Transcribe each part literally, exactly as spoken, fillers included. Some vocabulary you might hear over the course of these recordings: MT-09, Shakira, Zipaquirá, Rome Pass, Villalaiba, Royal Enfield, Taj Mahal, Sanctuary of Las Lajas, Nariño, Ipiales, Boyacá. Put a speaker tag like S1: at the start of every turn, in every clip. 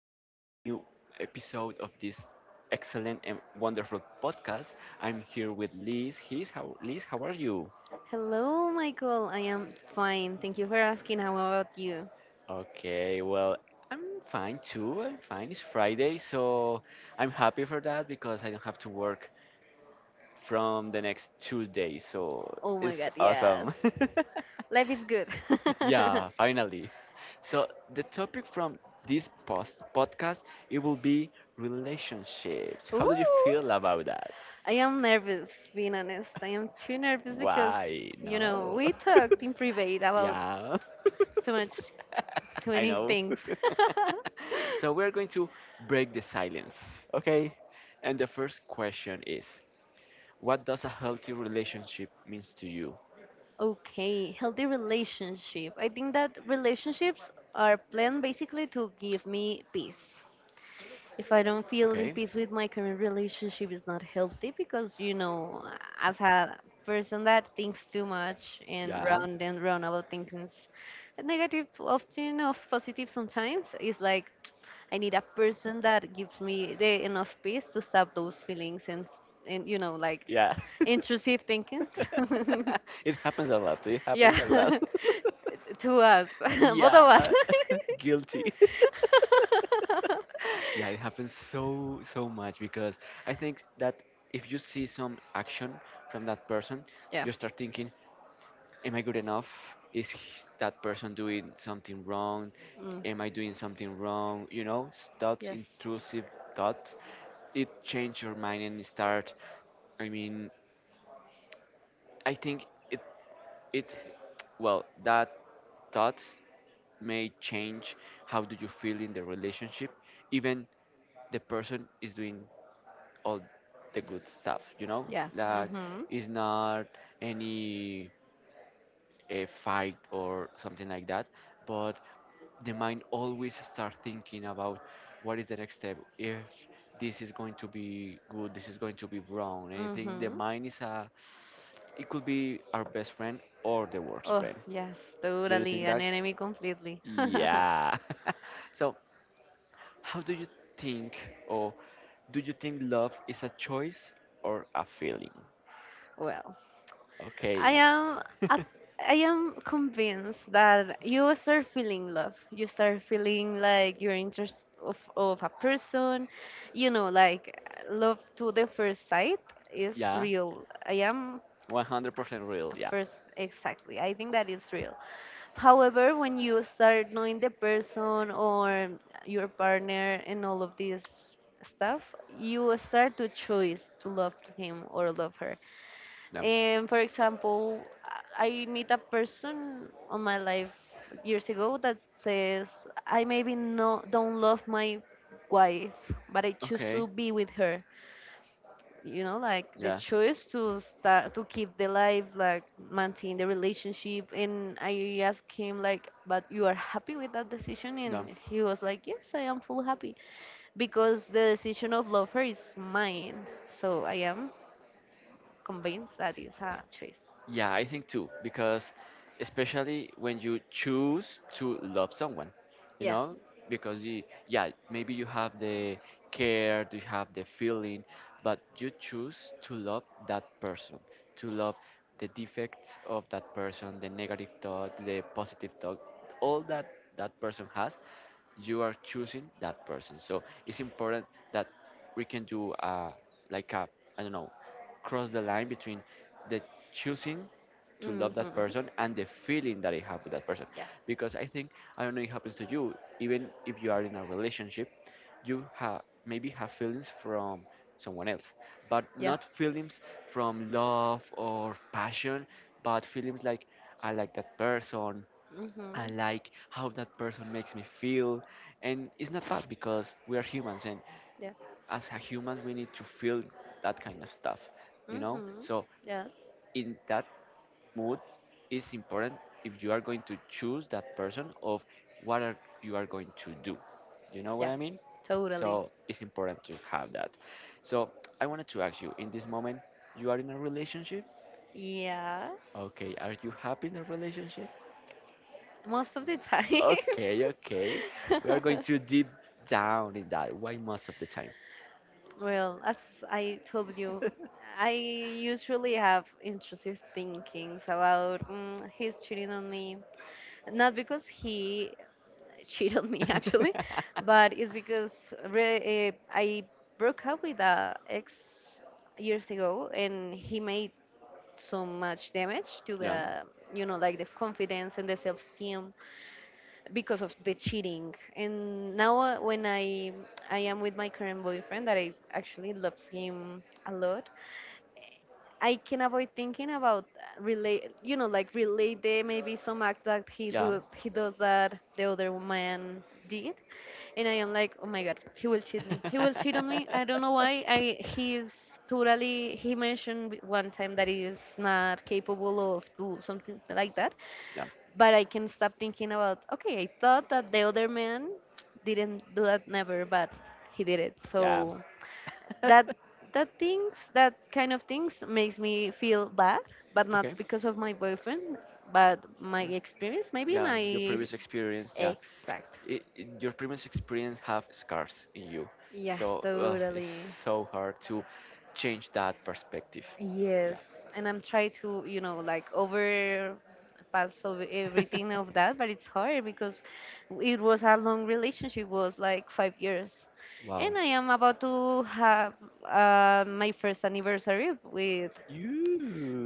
S1: to your new episode of this excellent and wonderful podcast. I'm here with Liz. He's how Liz, how are you?
S2: Hello, Michael. I am fine. Thank you for asking. How about you?
S1: Okay, well, I'm fine too. I'm fine. It's Friday, so I'm happy for that because I don't have to work from the next two days. So
S2: Oh my
S1: it's
S2: God, yes.
S1: awesome.
S2: Life is good.
S1: Yeah, finally. So the topic from this post podcast it will be relationships. How
S2: Ooh.
S1: do you feel about that?
S2: I am nervous, being honest. I am too nervous because,
S1: Why?
S2: you know,
S1: No.
S2: we talked in private about
S1: Yeah.
S2: too much, too
S1: I
S2: many
S1: know.
S2: things.
S1: So we're going to break the silence, okay? And the first question is, what does a healthy relationship means to you?
S2: Okay, healthy relationship. I think that relationships are planned basically to give me peace. If I don't feel in
S1: Okay?
S2: peace with my current relationship, it's not healthy because, you know, as a person that thinks too much and
S1: Yeah.
S2: round and round about things, negative often of positive sometimes, it's like I need a person that gives me the enough peace to stop those feelings and and you know like
S1: Yeah.
S2: intrusive thinking.
S1: It happens a lot. It
S2: yeah,
S1: happens a lot.
S2: to us, both
S1: Yeah.
S2: of us.
S1: uh, Guilty. Yeah, it happens so so much because I think that if you see some action from that person,
S2: yeah.
S1: you start thinking, am I good enough? Is h- that person doing something wrong?
S2: Mm.
S1: Am I doing something wrong? You know, s- thoughts,
S2: Yes.
S1: intrusive thoughts. It change your mind and start I mean, I think it it well that thoughts may change how do you feel in the relationship even the person is doing all the good stuff, you know,
S2: Yeah.
S1: like
S2: Mm-hmm.
S1: it's not any a fight or something like that, but the mind always start thinking about what is the next step. If this is going to be good, this is going to be wrong. And I think the
S2: Mm-hmm.
S1: mind is a, it could be our best friend or the worst
S2: Oh,
S1: friend.
S2: yes,
S1: Do you
S2: totally.
S1: think
S2: An
S1: that?
S2: enemy completely.
S1: Yeah. So how do you think? Or do you think love is a choice or a feeling?
S2: Well.
S1: Okay.
S2: I am at- I am convinced that you will start feeling love. You start feeling like you're interest of of a person. You know, like love to the first sight is
S1: Yeah,
S2: real. I am
S1: one hundred percent real. Yeah.
S2: first exactly. I think that is real. However, when you start knowing the person or your partner and all of this stuff, you start to choose to love him or love her.
S1: Yeah.
S2: And for example, I I meet a person on my life years ago that says, I maybe no, don't love my wife, but I choose
S1: Okay.
S2: to be with her. You know, like the
S1: Yeah.
S2: choice to start to keep the life, like maintain the relationship. And I asked him, like, but you are happy with that decision?
S1: No.
S2: And he was like, yes, I am full happy because the decision of love her is mine. So I am convinced that it's a choice.
S1: Yeah, I think too, because especially when you choose to love someone, you
S2: Yeah.
S1: know, because you, yeah, maybe you have the care, you have the feeling, but you choose to love that person, to love the defects of that person, the negative thought, the positive thought, all that that person has, you are choosing that person. So it's important that we can do uh, like a, I don't know, cross the line between the choosing to love
S2: Mhm.
S1: that person and the feeling that I have with that person.
S2: Yeah.
S1: Because I think, I don't know, it happens to you. Even if you are in a relationship, you have maybe have feelings from someone else, but
S2: Yeah.
S1: not feelings from love or passion, but feelings like I like that person, I
S2: Mhm.
S1: like how that person makes me feel. And it's not bad because we are humans, and
S2: Yeah.
S1: as a human, we need to feel that kind of stuff, you know?
S2: Mhm.
S1: So,
S2: Yeah.
S1: in that mood, it's important if you are going to choose that person of what are you are going to do. You know what
S2: Yeah.
S1: I mean?
S2: Totally.
S1: So, it's important to have that. So, I wanted to ask you in this moment, you are in a relationship.
S2: Yeah.
S1: Okay, are you happy in a relationship?
S2: Most of the time.
S1: Okay, okay. We are going to deep down in that. Why most of the time?
S2: Well, as I told you, I usually have intrusive thinkings about mm, he's cheating on me. Not because he cheated on me actually, but it's because re- eh, I broke up with a ex years ago and he made so much damage to
S1: Yeah, yeah.
S2: the, you know like, the confidence and the self-esteem because of the cheating. And now uh, when i i am with my current boyfriend that I actually loves him a lot, I can avoid thinking about, uh, relate, you know, like, relate the maybe some act that he do he does that the other man did, and I am like, oh my God, he will cheat me. He will cheat on me. I don't know why. I he's totally. He mentioned one time that he is not capable of do something like that,
S1: Yeah,
S2: but I can stop thinking about. Okay, I thought that the other man didn't do that never, but he did it.
S1: yeah.
S2: So that that things that kind of things makes me feel bad, but not
S1: Okay.
S2: because of my boyfriend but my
S1: Mm.
S2: experience, maybe
S1: Yeah,
S2: my
S1: your previous experience. Yeah,
S2: exact.
S1: it, it- your previous experience have scars in you,
S2: Yes,
S1: so uh, it's
S2: totally,
S1: so hard to change that perspective.
S2: yes,
S1: Yeah.
S2: and I'm trying to, you know like, over pass over everything of that, but it's hard because it was a long relationship, was like five years,
S1: Wow.
S2: and I am about to have uh, my first anniversary with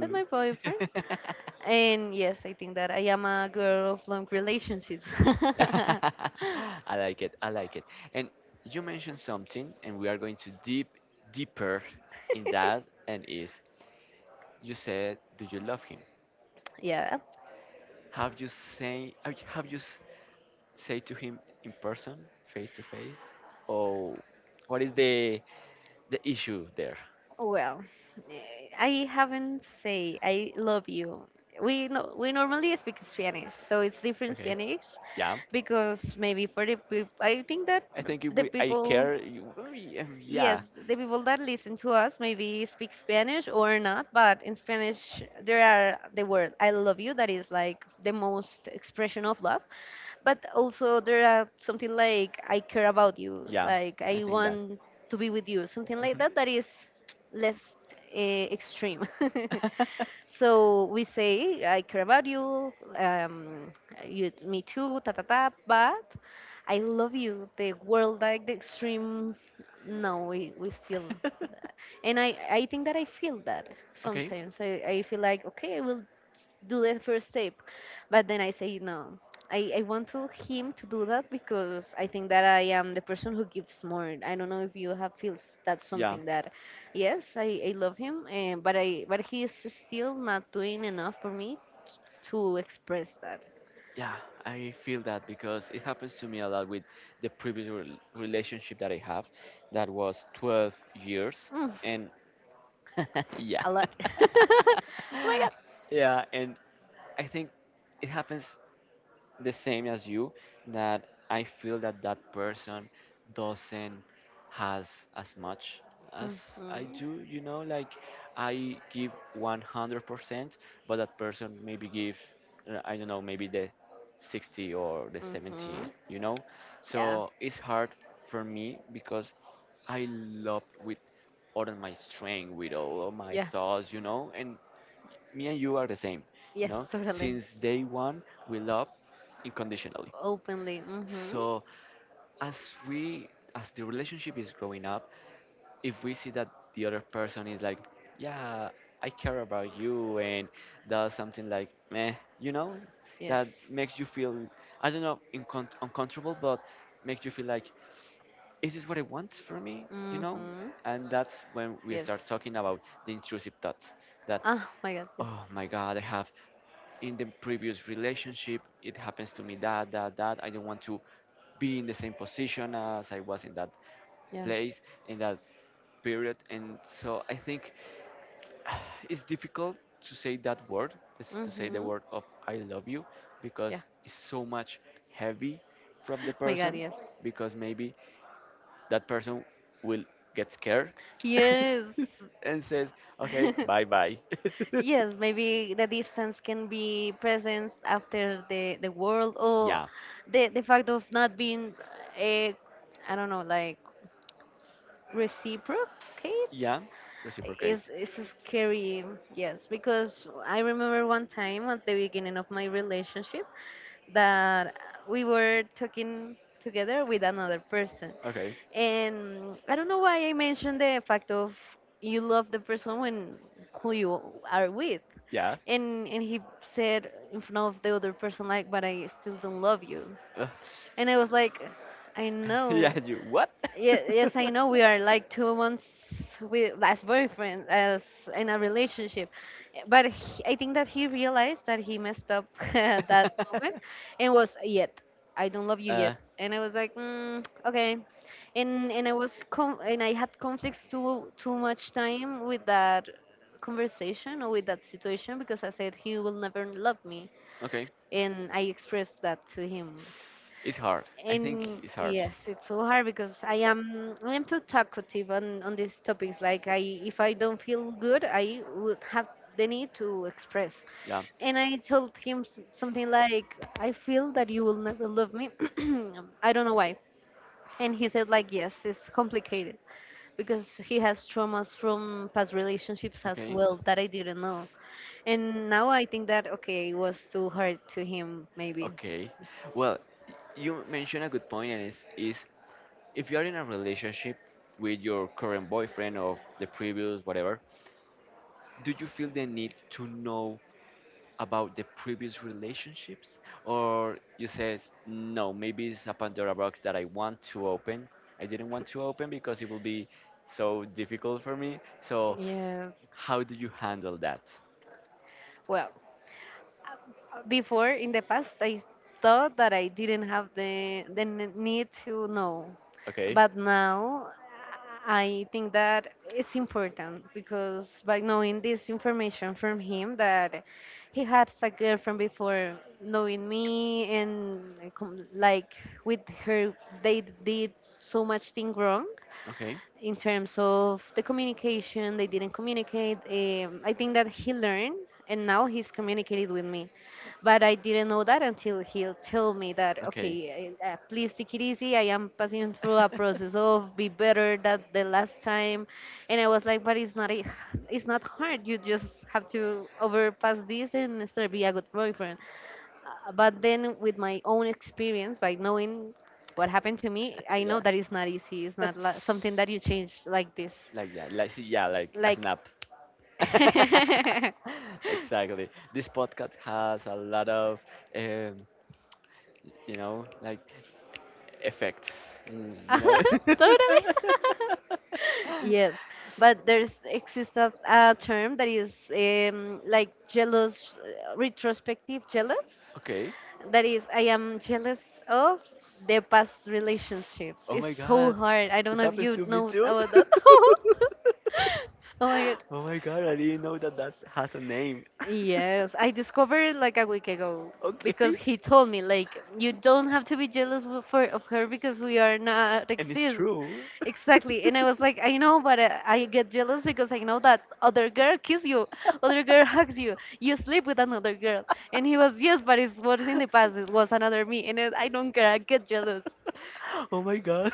S2: with my boyfriend. And yes, I think that I am a girl of long relationships.
S1: i like it i like it And you mentioned something and we are going to deep deeper in that, and is you said do you love him?
S2: yeah.
S1: Have you say, have you have you s- say to him in person, face to face, or what is the the issue there?
S2: Well, eh, I haven't say I love you. We no, we normally speak Spanish, so it's different
S1: Okay.
S2: Spanish,
S1: Yeah,
S2: because maybe for the peop- I think that
S1: I think if
S2: the
S1: we I
S2: people.
S1: care, you, we- um, yeah,
S2: Yes, the people that listen to us maybe speak Spanish or not, but in Spanish there are the word "I love you" that is like the most expression of love, but also there are something like "I care about you,"
S1: yeah,
S2: like
S1: I
S2: "I
S1: think that.
S2: want to be with you," something like
S1: Mhm.
S2: that that is less uh, extreme. So we say, I care about you, um, you me too, ta ta ta, but I love you. The world, like the extreme, no, we, we still. And I, I think that I feel that
S1: Okay.
S2: sometimes. I, I feel like, okay, I will do the first step, but then I say, no, I, I want to him to do that because I think that I am the person who gives more. I don't know if you have feels that's
S1: Yeah,
S2: something that. Yes, I, I love him, eh, but I but he is still not doing enough for me t- to express that.
S1: yeah, I feel that because it happens to me a lot with the previous rel relationship that I have, that was twelve years,
S2: Mm,
S1: and yeah,
S2: a lot. oh my God.
S1: yeah, and I think it happens the same as you, that I feel that that person doesn't has as much as I
S2: Mhm.
S1: do. You know, like I give one hundred percent, but that person maybe give uh, I don't know, maybe the sixty or the seventy.
S2: Mhm.
S1: You know,
S2: Yeah.
S1: so it's hard for me because I love with all of my strength, with all of my
S2: Yeah.
S1: thoughts, you know, and me and you are the same, you
S2: Yes,
S1: know.
S2: totally.
S1: Since day one, we love unconditionally.
S2: Openly. Mhm.
S1: So as we as the relationship is growing up, if we see that the other person is like, yeah, I care about you and does something like meh, you know,
S2: Yes.
S1: that makes you feel, I don't know, uncom uncomfortable, but makes you feel like, is this what I want for me? You know?
S2: Mhm.
S1: And that's when we
S2: Yes.
S1: start talking about the intrusive thoughts that,
S2: Ah, oh my God. Yes.
S1: oh my God, I have. In the previous relationship it happens to me that that that I don't want to be in the same position as I was in that
S2: Yeah.
S1: place, in that period, and so I think it's difficult to say that word, is to say the
S2: Mhm.
S1: word of I love you,
S2: Yeah.
S1: because it's so much heavy from the
S2: My God,
S1: person,
S2: yes.
S1: because maybe that person will get scared
S2: Yes.
S1: and says okay, bye bye.
S2: yes, maybe the distance can be present after the, the world, or
S1: Yeah.
S2: the, the fact of not being, uh, I don't know, like, reciprocate.
S1: Yeah,
S2: It's,
S1: reciprocate.
S2: it's scary, yes, because I remember one time at the beginning of my relationship that we were talking together with another person.
S1: Okay.
S2: And I don't know why I mentioned the fact of, you love the person when who you are with.
S1: Yeah.
S2: And and he said in front of the other person like, but I still don't love you.
S1: Uh,
S2: And I was like, I know.
S1: yeah, you what?
S2: Ye- Yes, I know we are like two months with as boyfriend as in a relationship, but he, I think that he realized that he messed up at that moment and was yet I don't love you yet,
S1: uh,
S2: and I was like, mm, okay, and and I was com- and I had conflicts too too much time with that conversation or with that situation, because I said he will never love me,
S1: okay.
S2: and I expressed that to him.
S1: It's hard. I think
S2: And
S1: it's hard.
S2: yes, it's so hard because I am I am too talkative on on these topics. Like I, if I don't feel good, I would have the need to express.
S1: Yeah.
S2: And I told him s- something like, "I feel that you will never love me. I don't know why." And he said like, "Yes, it's complicated because he has traumas from past relationships as
S1: Okay.
S2: well that I didn't know." And now I think that okay, it was too hard to him maybe.
S1: Okay. Well, y- you mentioned a good point, and it's is if you are in a relationship with your current boyfriend or the previous whatever, do you feel the need to know about the previous relationships, or you says no, maybe it's a Pandora box that I want to open, I didn't want to open because it will be so difficult for me. So
S2: Yes.
S1: how do you handle that?
S2: Well, uh, before in the past, I thought that I didn't have the the n- need to know,
S1: Okay.
S2: but now I think that it's important, because by knowing this information from him that he had a girlfriend before knowing me and, like com- like, with her they did so much thing wrong
S1: Okay.
S2: in terms of the communication. They didn't communicate. um, I think that he learned, and now he's communicated with me, but I didn't know that until he told me that,
S1: Okay.
S2: okay, uh, uh, please take it easy, I am passing through a process of be better than the last time. And I was like, but it's not a, it's not hard, you just have to overpass this and start be a good boyfriend. Uh, but then with my own experience, by knowing what happened to me, I know
S1: Yeah.
S2: that it's not easy, it's not li- something that you change like this.
S1: Like yeah, like see, yeah, like a
S2: Like
S1: snap. Exactly. This podcast has a lot of, um, you know, like effects. Mm, you know.
S2: totally yes, but there's exists a, a term that is, um, like, jealous, uh, retrospective jealous,
S1: Okay.
S2: that is, I am jealous of the past relationships.
S1: Oh
S2: It's
S1: my
S2: so
S1: God,
S2: hard, I don't
S1: it
S2: know if
S1: happens
S2: you
S1: to me
S2: know
S1: too.
S2: about that. oh my God.
S1: Oh my God, I didn't know that that has a name.
S2: Yes, I discovered it like a week ago because
S1: Okay.
S2: he told me like, you don't have to be jealous w- for of her because we are not
S1: And it's
S2: exist.
S1: true.
S2: Exactly. And I was like, I know, but uh, I get jealous because I know that other girl kiss you, other girl hugs you, you sleep with another girl. And he was, yes, but it was in the past. It was another me, and I I don't care. I get jealous.
S1: Oh my god.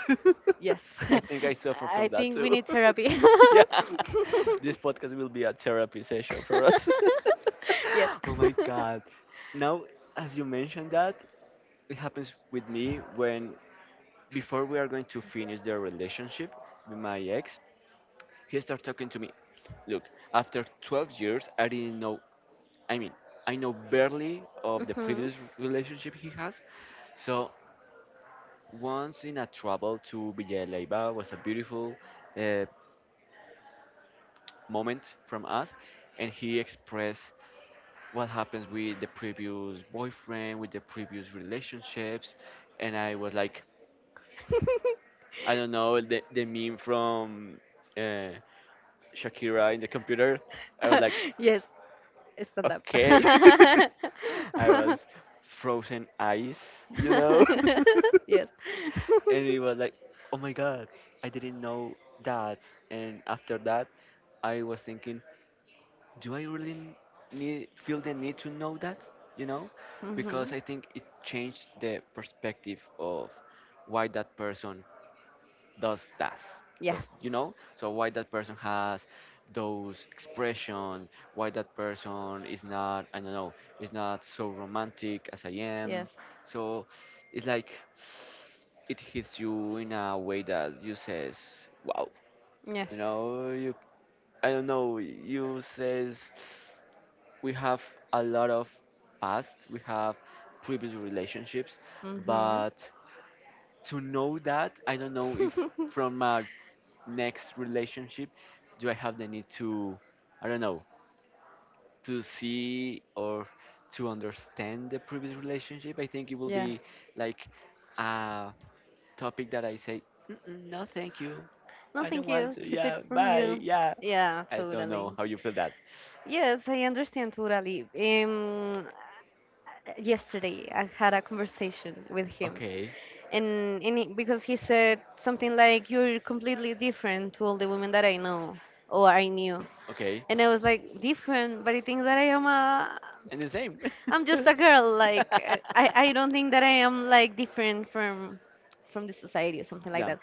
S2: Yes.
S1: I think I suffer from
S2: I
S1: that
S2: think we
S1: too.
S2: need therapy.
S1: Yeah. This podcast will be a therapy session for us.
S2: yes.
S1: Oh my god. Now, as you mentioned that, it happens with me when before we are going to finish the relationship with my ex, he started talking to me. Look, after twelve years, I didn't know. I mean, I know barely of the
S2: Mhm.
S1: previous relationship he has, so once in a travel to Villalaiba was a beautiful uh, moment from us, and he expressed what happens with the previous boyfriend, with the previous relationships, and I was like, I don't know the the meme from uh, Shakira in the computer. I was like,
S2: yes, stand up.
S1: okay, I was frozen ice, you know,
S2: yes.
S1: and he was like, oh my god, I didn't know that, and after that. I was thinking, do I really n- need feel the need to know that? You know,
S2: hmm.
S1: because I think it changed the perspective of why that person does that.
S2: Yeah.
S1: Does, you know? So why that person has those expression? Why that person is not? I don't know. Is not so romantic as I am.
S2: Yes.
S1: So it's like it hits you in a way that you says, "Wow."
S2: Yes.
S1: You know, I don't know, you says we have a lot of past, we have previous relationships,
S2: Mm-hmm.
S1: but to know that, I don't know if from my next relationship do I have the need to, I don't know, to see or to understand the previous relationship. I think it will
S2: yeah.
S1: be like a topic that I say, mm-mm, no, thank you.
S2: No,
S1: I don't
S2: thank
S1: want
S2: you.
S1: to.
S2: Keep it
S1: Yeah,
S2: from
S1: bye.
S2: you.
S1: Yeah.
S2: Yeah,
S1: I don't
S2: totally.
S1: know how you feel that.
S2: Yes, I understand totally. Um, yesterday I had a conversation with him,
S1: Okay.
S2: and, and he, because he said something like, "You're completely different to all the women that I know or I knew,"
S1: Okay.
S2: and I was like, "Different," but I think that I am a
S1: And the same.
S2: I'm just a girl. Like uh, I, I don't think that I am like different from from the society or something like
S1: Yeah.
S2: that.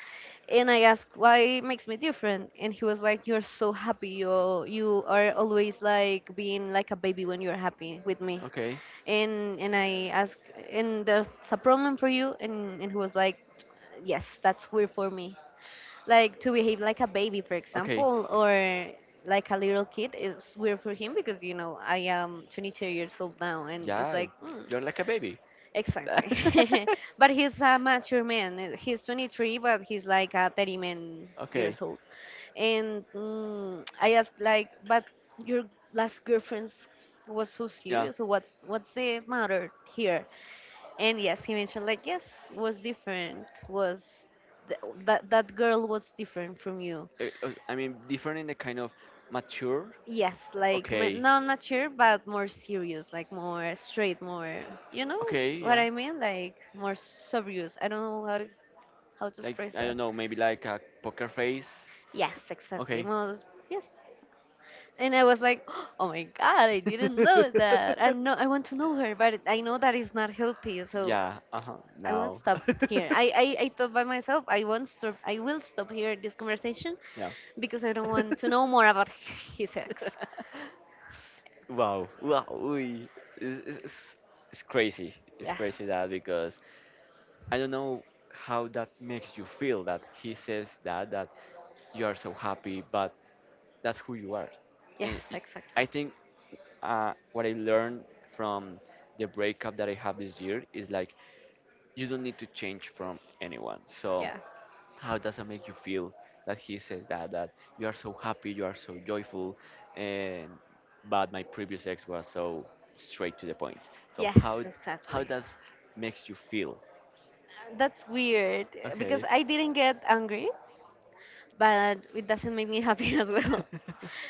S2: And I asked why makes me different, and he was like, "You're so happy. You you are always like being like a baby when you're happy with me."
S1: Okay.
S2: And and I asked, "And there's a problem for you?" And and he was like, "Yes, that's weird for me." Like to behave like a baby, for
S1: Okay.
S2: example, or like a little kid is weird for him because you know I am twenty-two years old now, and it's
S1: Yeah.
S2: like mm,
S1: You're like a baby.
S2: exactly. But he's a mature man, uh, he's twenty-three, but he's like a thirty man
S1: Okay.
S2: years old. And mm, I asked like, but your last girlfriend was so
S1: Yeah.
S2: serious, so what's what's the matter here? And yes, he mentioned like, yes, was different, was th- that that girl was different from you.
S1: Uh, uh, I mean, different in the kind of mature.
S2: Yes, like ma-
S1: Okay.
S2: no, I'm not sure, but more serious, like more straight, more, you know
S1: Okay.
S2: what
S1: Yeah.
S2: I mean, like more serious. I don't know how to how to
S1: Like
S2: express
S1: I
S2: that.
S1: don't know. Maybe like a poker face.
S2: Yes, exactly.
S1: Okay.
S2: More, yes. And I was like, oh my god, I didn't know that. And no, I want to know her, but I know that is not healthy, so
S1: Yeah, uh huh.
S2: I won't
S1: Now.
S2: stop here. I, I, I thought by myself, I won't stop. I will stop here this conversation
S1: Yeah.
S2: because I don't want to know more about his ex.
S1: Wow. Wow. Uy. It's, it's, it's it's crazy. It's
S2: Yeah.
S1: crazy that because I don't know how that makes you feel that he says that that you are so happy, but that's who you are,
S2: Yes,
S1: and y- I
S2: exactly.
S1: think uh, what I learned from the breakup that I have this year is like you don't need to change from anyone. So
S2: Yeah.
S1: how does it make you feel that he says that that you are so happy, you are so joyful, and but my previous ex was so straight to the point. So
S2: Yes,
S1: how how
S2: exactly.
S1: does makes you feel?
S2: That's weird, uh, because I didn't get angry, but it doesn't make me happy as well.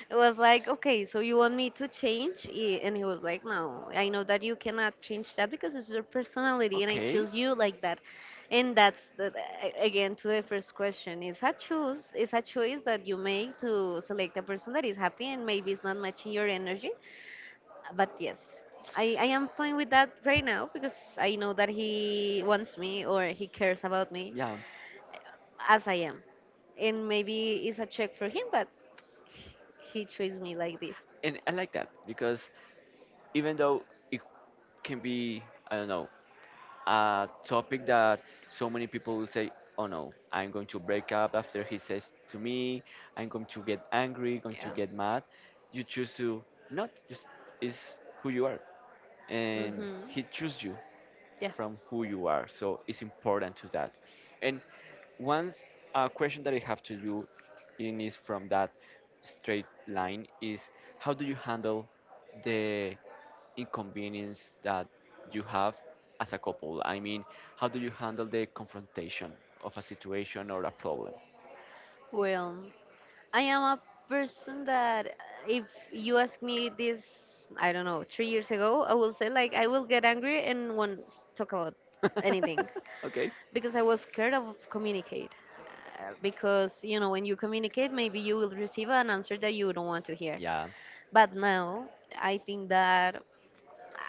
S2: It was like, okay, so you want me to change? I- And he was like, no, I know that you cannot change that because it's your personality, and I
S1: Okay.
S2: choose you like that. And that's the, a- again to the first question, is a choice, is a choice that you make to select a person that is happy, and maybe it's not matching your energy. But yes, I, I am fine with that right now because I know that he wants me or he cares about me
S1: Yeah,
S2: as I am. And maybe it's a check for him, but he treats me like this.
S1: and I like that because even though it can be, I don't know, a topic that so many people will say, oh no, I'm going to break up after he says to me, I'm going to get angry, going to
S2: Yeah.
S1: get mad. You choose to not, just is who you are,
S2: Yeah.
S1: and
S2: Hmm.
S1: he choose you.
S2: Yeah.
S1: From who you are. So it's important to that. And once a question that I have to do in is from that straight line is how do you handle the inconvenience that you have as a couple? I mean, how do you handle the confrontation of a situation or a problem?
S2: Well, I am a person that uh, if you ask me this, I don't know, three years ago, I will say like I will get angry and won't s- talk about anything.
S1: Okay.
S2: Because I was scared of communicate. Uh, Because you know, when you communicate, maybe you will receive an answer that you don't want to hear.
S1: Yeah.
S2: But now, I think that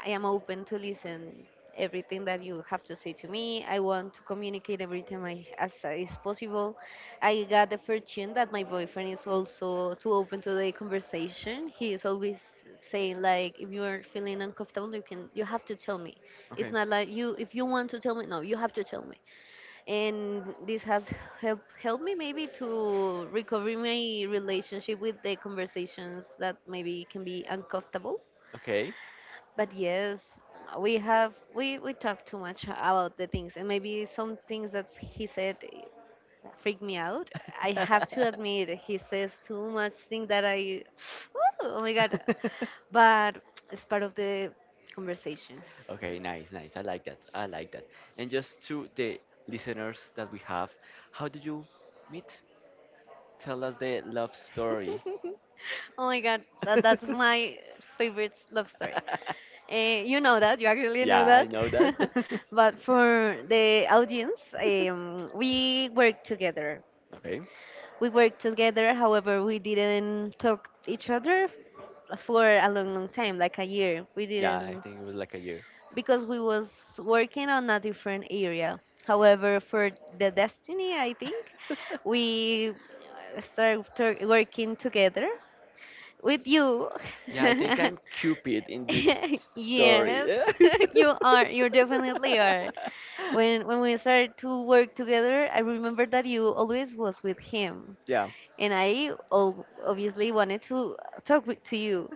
S2: I am open to listen everything that you have to say to me. I want to communicate every time I, as is possible. I got the fortune that my boyfriend is also too open to the conversation. He is always saying like, if you are feeling uncomfortable, you can, you have to tell me. It's
S1: Okay.
S2: not like you, if you want to tell me, no, you have to tell me, and this has help, helped me maybe to recover my relationship with the conversations that maybe can be uncomfortable.
S1: Okay.
S2: But yes, we have we we talk too much about the things, and maybe some things that he said, eh, freak me out. I have to admit, he says too much thing that I oh my god. But it's part of the conversation.
S1: Okay, nice, nice. I like that. I like that. And just to the listeners that we have, how did you meet? Tell us the love story.
S2: Oh my god, that, that's my favorite love story. Eh, you know that, you actually
S1: Yeah,
S2: know
S1: I
S2: that.
S1: know that.
S2: But for the audience, um, we work together.
S1: Okay.
S2: We work together, however, we didn't talk each other for a long, long time, like a year. We
S1: Yeah, I
S2: didn't,
S1: think it was like a year.
S2: because we was working on a different area. However, for the destiny, I think, we started working together with you.
S1: Yeah, I think I'm Cupid in this s- story.
S2: Yes, you are. You definitely are. When when we started to work together, I remember that you always was with him,
S1: Yeah.
S2: and I ob- obviously wanted to talk with, to you.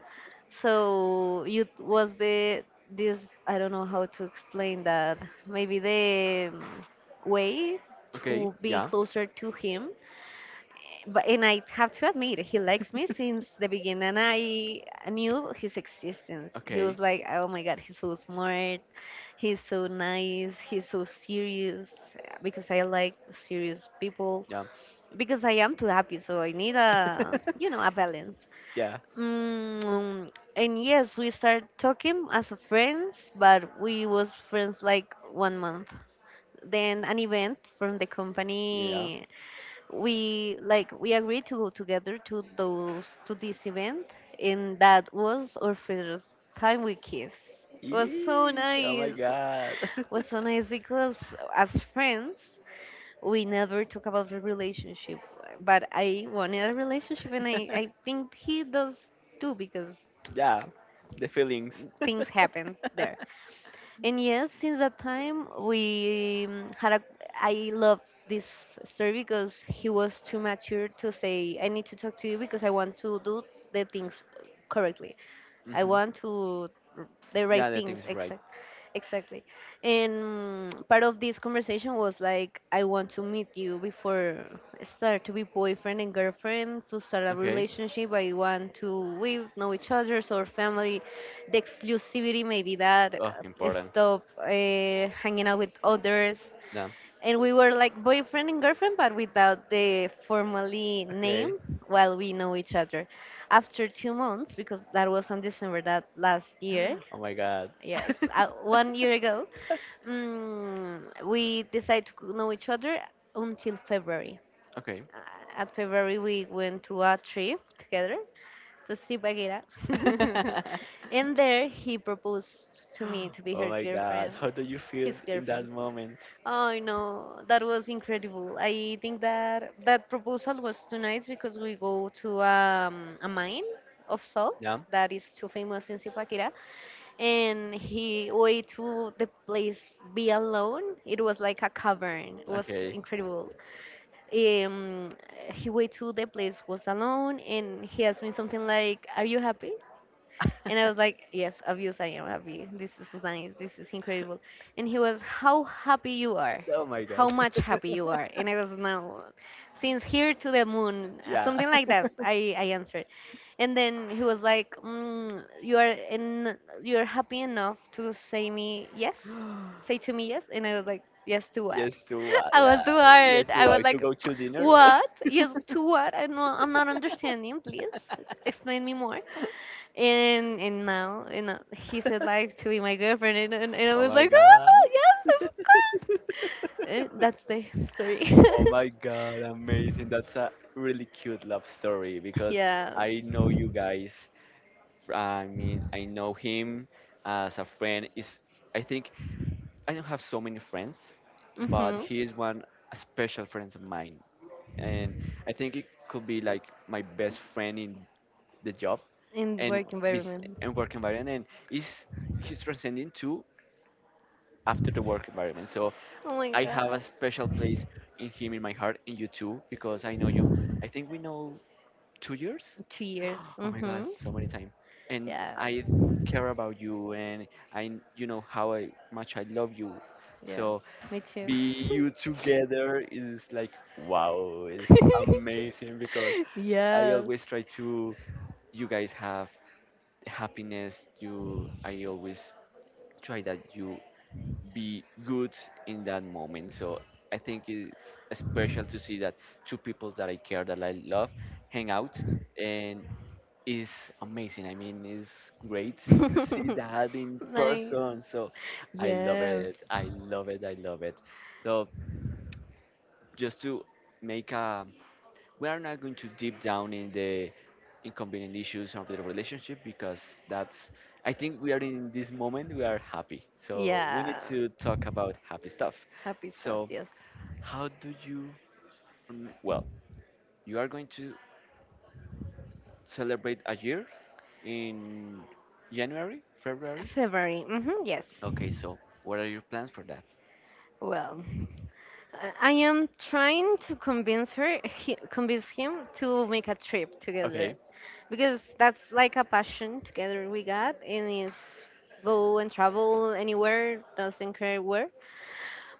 S2: So you t- was the this, I don't know how to explain that. Maybe the um, way
S1: Okay.
S2: to be
S1: Yeah.
S2: closer to him. But and I have to admit, he likes me since the beginning. I knew his existence. He
S1: Okay.
S2: was like, oh my god, he's so smart. He's so nice. He's so serious. Because I like serious people.
S1: Yeah.
S2: Because I am too happy, so I need a, you know, a balance.
S1: Yeah.
S2: Mm, and yes, we started talking as a friends, but we was friends like one month. Then an event from the
S1: Yeah.
S2: company, we like we agreed to go together to those to this event, and that was our first time we kissed. Was so
S1: Yee, oh my
S2: nice,
S1: god.
S2: was so nice, because as friends we never talk about the relationship, but I wanted a relationship, and i i think he does too, because
S1: Yeah, the feelings.
S2: things happened there. And yes, since that time we um, had a. I love this story because he was too mature to say I need to talk to you because I want to do the things correctly. I
S1: Hmm.
S2: want to r- the right
S1: Yeah, the
S2: things
S1: thing's right.
S2: exact exactly. And part of this conversation was like, I want to meet you before I start to be boyfriend and girlfriend, to start a
S1: Okay.
S2: relationship. I want to we know each other, so our family, the exclusivity maybe that
S1: Oh,
S2: uh,
S1: important.
S2: stop uh, hanging out with others,
S1: Yeah.
S2: and we were like boyfriend and girlfriend but without the formally
S1: Okay.
S2: name, while we know each other, after two months, because that was on December that last year.
S1: Oh my god.
S2: Yes, uh, one year ago, mm, we decided to know each other until February.
S1: Okay.
S2: Uh, at February we went to a trip together to Zipaquirá. And there he proposed to me to be
S1: Oh
S2: her
S1: my god,
S2: girlfriend,
S1: how do you feel
S2: his
S1: in that
S2: girlfriend.
S1: moment?
S2: I know that was incredible. I think that that proposal was too nice because we go to um, a mine of salt
S1: Yeah?
S2: that is too famous in Zipaquirá, and he went to the place be alone. It was like a cavern. It was
S1: Okay.
S2: incredible. Um, he went to the place was alone, and he asked me something like, "Are you happy?" And I was like, yes, obvious I am happy. This is nice. This is incredible. And he was, how happy you are.
S1: Oh my
S2: How
S1: god.
S2: much happy you are. And I was, now, since here to the moon,
S1: Yeah.
S2: something like that. I, I answered. And then he was like, mm, you are in, you are happy enough to say me yes? Say to me yes? And I was like, yes to what?
S1: Yes to uh,
S2: I
S1: yeah.
S2: was too
S1: Yes
S2: hard.
S1: to
S2: I
S1: uh,
S2: was
S1: to
S2: like,
S1: go to dinner.
S2: what? Yes, to what? I know I'm not understanding. Please explain me more. And and now, you know, he said like to be my girlfriend, and, and, and i
S1: Oh
S2: was
S1: my
S2: like,
S1: god.
S2: oh yes, of course. Eh, that's the story.
S1: Oh my god, amazing. That's a really cute love story because
S2: Yes.
S1: I know you guys. I mean, I know him as a friend. Is I think I don't have so many friends, but
S2: Mm-hmm.
S1: he is one special friend of mine. And I think it could be like my best friend in the job
S2: In
S1: and
S2: work
S1: bes-
S2: environment.
S1: and work environment and is he's transcending too after the work environment. So
S2: Oh my
S1: I have a
S2: god.
S1: special place in him in my heart in you too because I know you. I think we know two years.
S2: two years
S1: Oh my God,
S2: Mm-hmm.
S1: so many time. And
S2: Yeah.
S1: I care about you and I you know how I, much I love you.
S2: Yes.
S1: So
S2: Me too.
S1: be you together is like wow, it's amazing because I
S2: Yes.
S1: always try to you guys have happiness. You I always try that you be good in that moment. So I think it's special to see that two people that I care that I love hang out and is amazing. I mean, it's great to see that in
S2: Nice.
S1: person. So I love
S2: Yes.
S1: it. I love it. I love it. So just to make a— we are not going to deep down in the inconvenient issues of the relationship because that's— I think we are in this moment we are happy. So we need
S2: Yeah.
S1: to talk about happy stuff.
S2: Happy stuff.
S1: So
S2: Yes.
S1: how do you— mm, well, you are going to celebrate a year in January, February?
S2: February. Hmm, yes.
S1: Okay, so what are your plans for that?
S2: Well. I I am trying to convince her, he, convince him to make a trip together,
S1: Okay.
S2: because that's like a passion together we got, and it's go and travel anywhere, doesn't care where.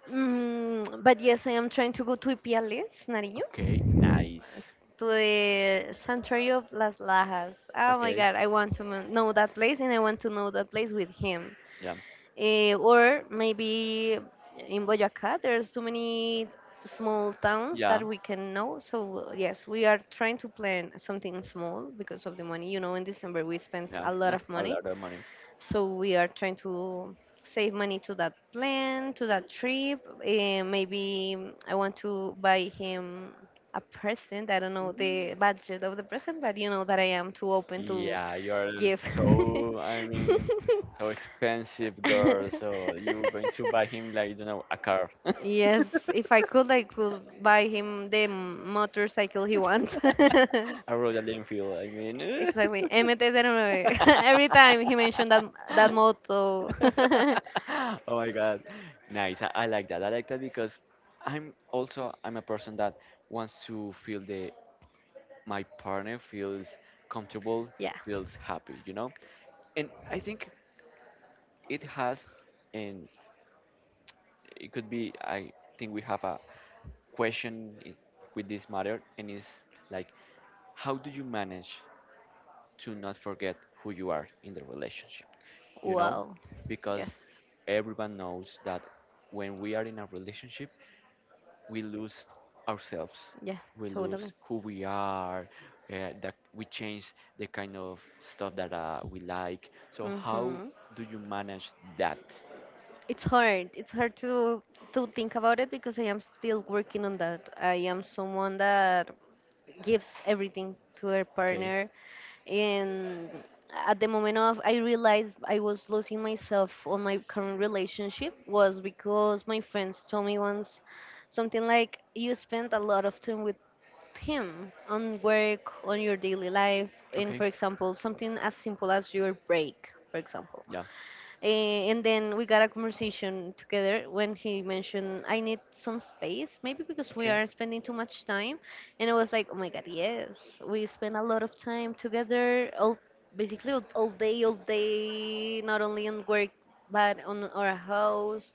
S2: Mm, but yes, I am trying to go to Ipiales, Nariño,
S1: Okay, nice.
S2: to the Sanctuary of Las Lajas. Oh my
S1: Okay.
S2: God, I want to mo- know that place, and I want to know that place with him.
S1: Yeah.
S2: Eh, or maybe in Boyacá, there's too many small towns
S1: Yeah.
S2: that we can know. So yes, we are trying to plan something small because of the money. You know, in December we spent
S1: Yeah.
S2: a lot of
S1: A
S2: money,
S1: lot of money.
S2: so we are trying to save money to that plan, to that trip. Eh, maybe mm, I want to buy him a present. I don't know the budget of the present, but you know that I am too open to
S1: Yeah, you're
S2: give.
S1: so, I mean, so expensive girl. So you're going to buy him like, you know, a car,
S2: Yes, if I could, I could buy him the motorcycle he wants.
S1: a Royal Enfield. I mean,
S2: Exactly. M T oh nine. Every time he mentioned that that motto.
S1: oh my God, nice. I, I like that. I like that because I'm also I'm a person that wants to feel the— my partner feels comfortable,
S2: Yeah.
S1: feels happy, you know. And I think it has, and it could be. I think we have a question i- with this matter, and it's like how do you manage to not forget who you are in the relationship, you know,
S2: Wow. Yes.
S1: because everyone knows that when we are in a relationship we lose ourselves,
S2: Yeah.
S1: we
S2: Totally.
S1: lose who we are, uh, that we change the kind of stuff that uh, we like. So how
S2: Mhm.
S1: do you manage that?
S2: It's hard. It's hard to to think about it because I am still working on that. I am someone that gives everything to her
S1: Okay.
S2: partner, and at the moment of i realized I was losing myself on my current relationship was because my friends told me once something like, you spend a lot of time with him on work, on your daily life, and
S1: Okay.
S2: for example something as simple as your break, for example.
S1: Yeah.
S2: Eh, and then we got a conversation together when he mentioned, I need some space, maybe because we
S1: Okay.
S2: are spending too much time. And I was like, oh my god, yes, we spend a lot of time together, all basically all, all day, all day, not only on work, but on our house,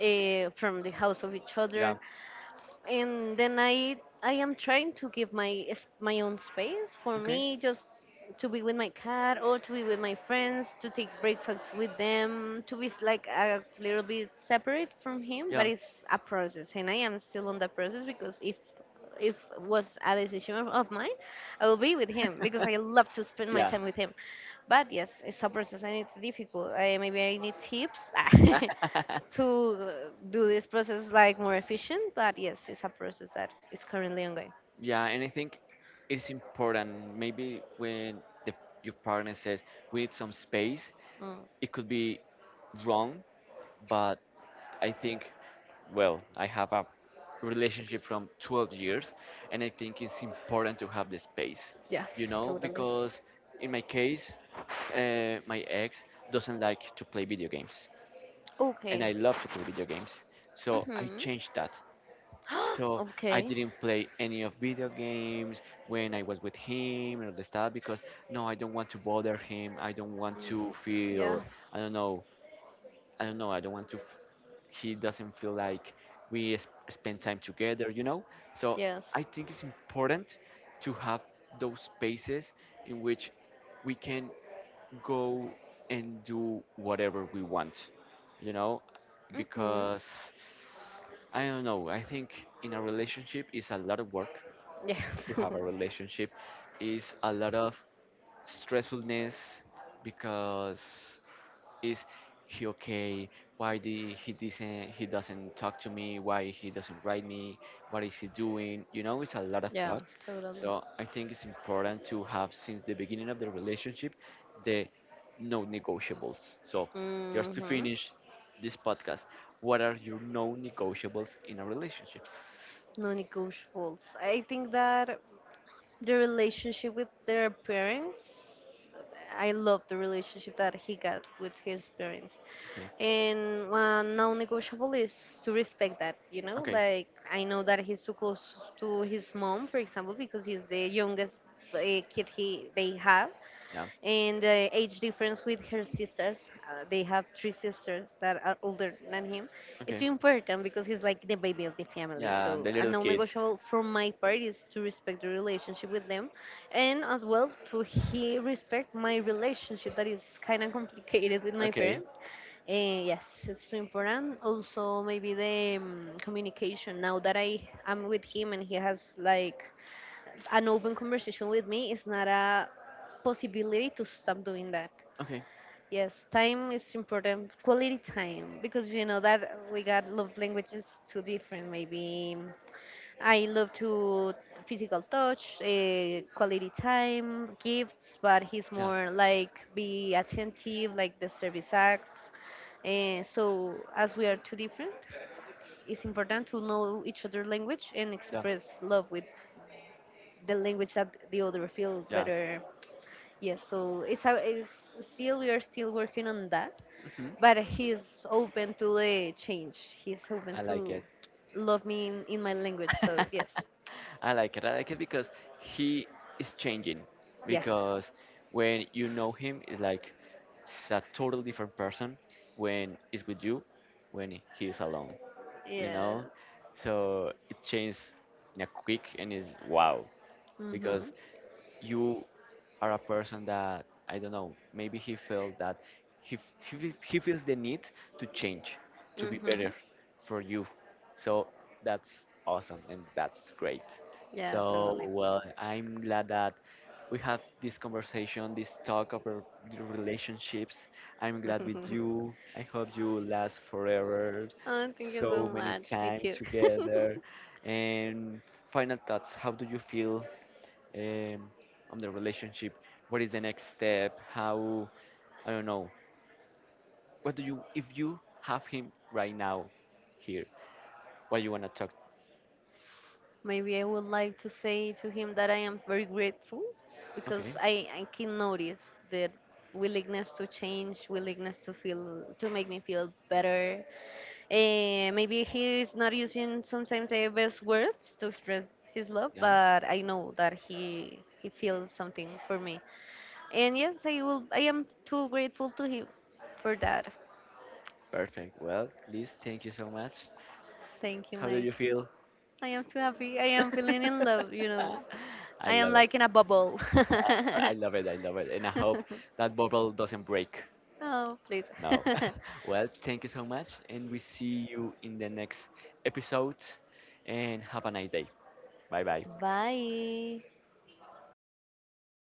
S2: uh, from the house of each
S1: Yeah.
S2: other, and then I I am trying to give my s- my own space for
S1: Okay.
S2: me just to be with my cat or to be with my friends, to take breakfasts with them, to be s- like a little bit separate from him. But
S1: Yeah.
S2: it's a process, and I am still on that process, because if if was a decision of of mine, I will be with him because I love to spend my time with him. But yes, it's a process and it's difficult. I maybe I need tips
S1: Yeah.
S2: to do this process like more efficient. But yes, it's a process that is currently ongoing.
S1: Yeah, and I think it's important. Maybe when the, your partner says we need some space,
S2: Mm,
S1: it could be wrong, but I think, well, I have a relationship from twelve years, and I think it's important to have the space,
S2: yeah,
S1: you know,
S2: totally.
S1: because in my case, uh, my ex doesn't like to play video games, and
S2: Okay.
S1: I love to play video games, so I
S2: Mhm.
S1: changed that. So I
S2: Okay.
S1: didn't play any of video games when I was with him and all the stuff because no, I don't want to bother him. I don't want
S2: Mm,
S1: to
S2: yeah.
S1: feel— I don't know. I don't know. I don't want to. F- he doesn't feel like we s- spend time together, you know. So
S2: Yes.
S1: I think it's important to have those spaces in which we can go and do whatever we want, you know,
S2: Mhm.
S1: because I don't know. I think in a relationship is a lot of work
S2: Yes.
S1: to have a relationship, is a lot of stressfulness because is he okay? Why did he doesn't— he doesn't talk to me? Why he doesn't write me? What is he doing? You know, it's a lot of
S2: Yeah.
S1: thoughts.
S2: Totally.
S1: So I think it's important to have since the beginning of the relationship the no negotiables. So just to
S2: Mhm.
S1: finish this podcast, what are your no negotiables in a relationships?
S2: Non-negotiables. I think that the relationship with their parents, I love the relationship that he got with his parents,
S1: Okay.
S2: and one non-negotiable is to respect that. You know,
S1: Okay.
S2: like I know that he's too close to his mom, for example, because he's the youngest, uh, kid he they have,
S1: Yeah.
S2: and the age difference with her sisters. Uh, they have three sisters that are older than him. It's
S1: Okay.
S2: important because he's like the baby of the family.
S1: Yeah,
S2: So
S1: the
S2: a
S1: little kid.
S2: non-negotiable from my part is to respect the relationship with them, and as well to he respect my relationship that is kind of complicated with my
S1: Okay.
S2: parents. Eh, yes, it's so important. Also, maybe the um, communication. Now that I am with him and he has like an open conversation with me, is not a possibility to stop doing that.
S1: Okay.
S2: Yes, time is important, quality time, because you know that we got love languages too different. Maybe mm, I love to physical touch, uh, quality time, gifts, but he's
S1: Yeah.
S2: more like be attentive, like the service acts. Eh, so as we are too different, it's important to know each other language and
S1: Yeah.
S2: express love with the language that the other feel
S1: Yeah.
S2: better. Yes, so it's how it's still we are still working on that,
S1: Hmm.
S2: but he's open to the change. He's open
S1: I like
S2: to
S1: it.
S2: love me in, in my language. So yes,
S1: I like it. I like it because he is changing.
S2: yeah,
S1: Because when you know him, it's like it's a total different person when he's with you, when he is alone. You
S2: yes.
S1: know, so it changed in a quick and is wow. Because
S2: Mhm.
S1: you are a person that I don't know. Maybe he felt that he f- he, fe- he feels the need to change, to be better
S2: Mhm.
S1: for you. So that's awesome and that's great.
S2: Yeah,
S1: So
S2: totally.
S1: well, I'm glad that we had this conversation, this talk about the relationships. I'm glad with you. I hope you last forever,
S2: Oh, thank you so
S1: so many
S2: much. Me
S1: time
S2: too.
S1: together. And final thoughts: how do you feel um, on the relationship? What is the next step? How— I don't know. What do you— if you have him right now here? What you wanna talk?
S2: Maybe I would like to say to him that I am very grateful,
S1: Okay,
S2: because I, I can notice that willingness to change, willingness to feel to make me feel better. Eh, maybe he is not using sometimes the best words to express his love,
S1: yeah,
S2: but I know that he he feels something for me. And yes, I will. I am too grateful to him for that.
S1: perfect. Well, Liz, thank you so much.
S2: Thank you,
S1: How do
S2: Mike.
S1: you feel?
S2: I am too happy. I am feeling in love. You know,
S1: I
S2: I am
S1: love it.
S2: like in a bubble.
S1: I I love it. I love it. And I hope that bubble doesn't break.
S2: Oh, please.
S1: No. Well, thank you so much. And we see you in the next episode. And have a nice day. Bye bye.
S2: Bye.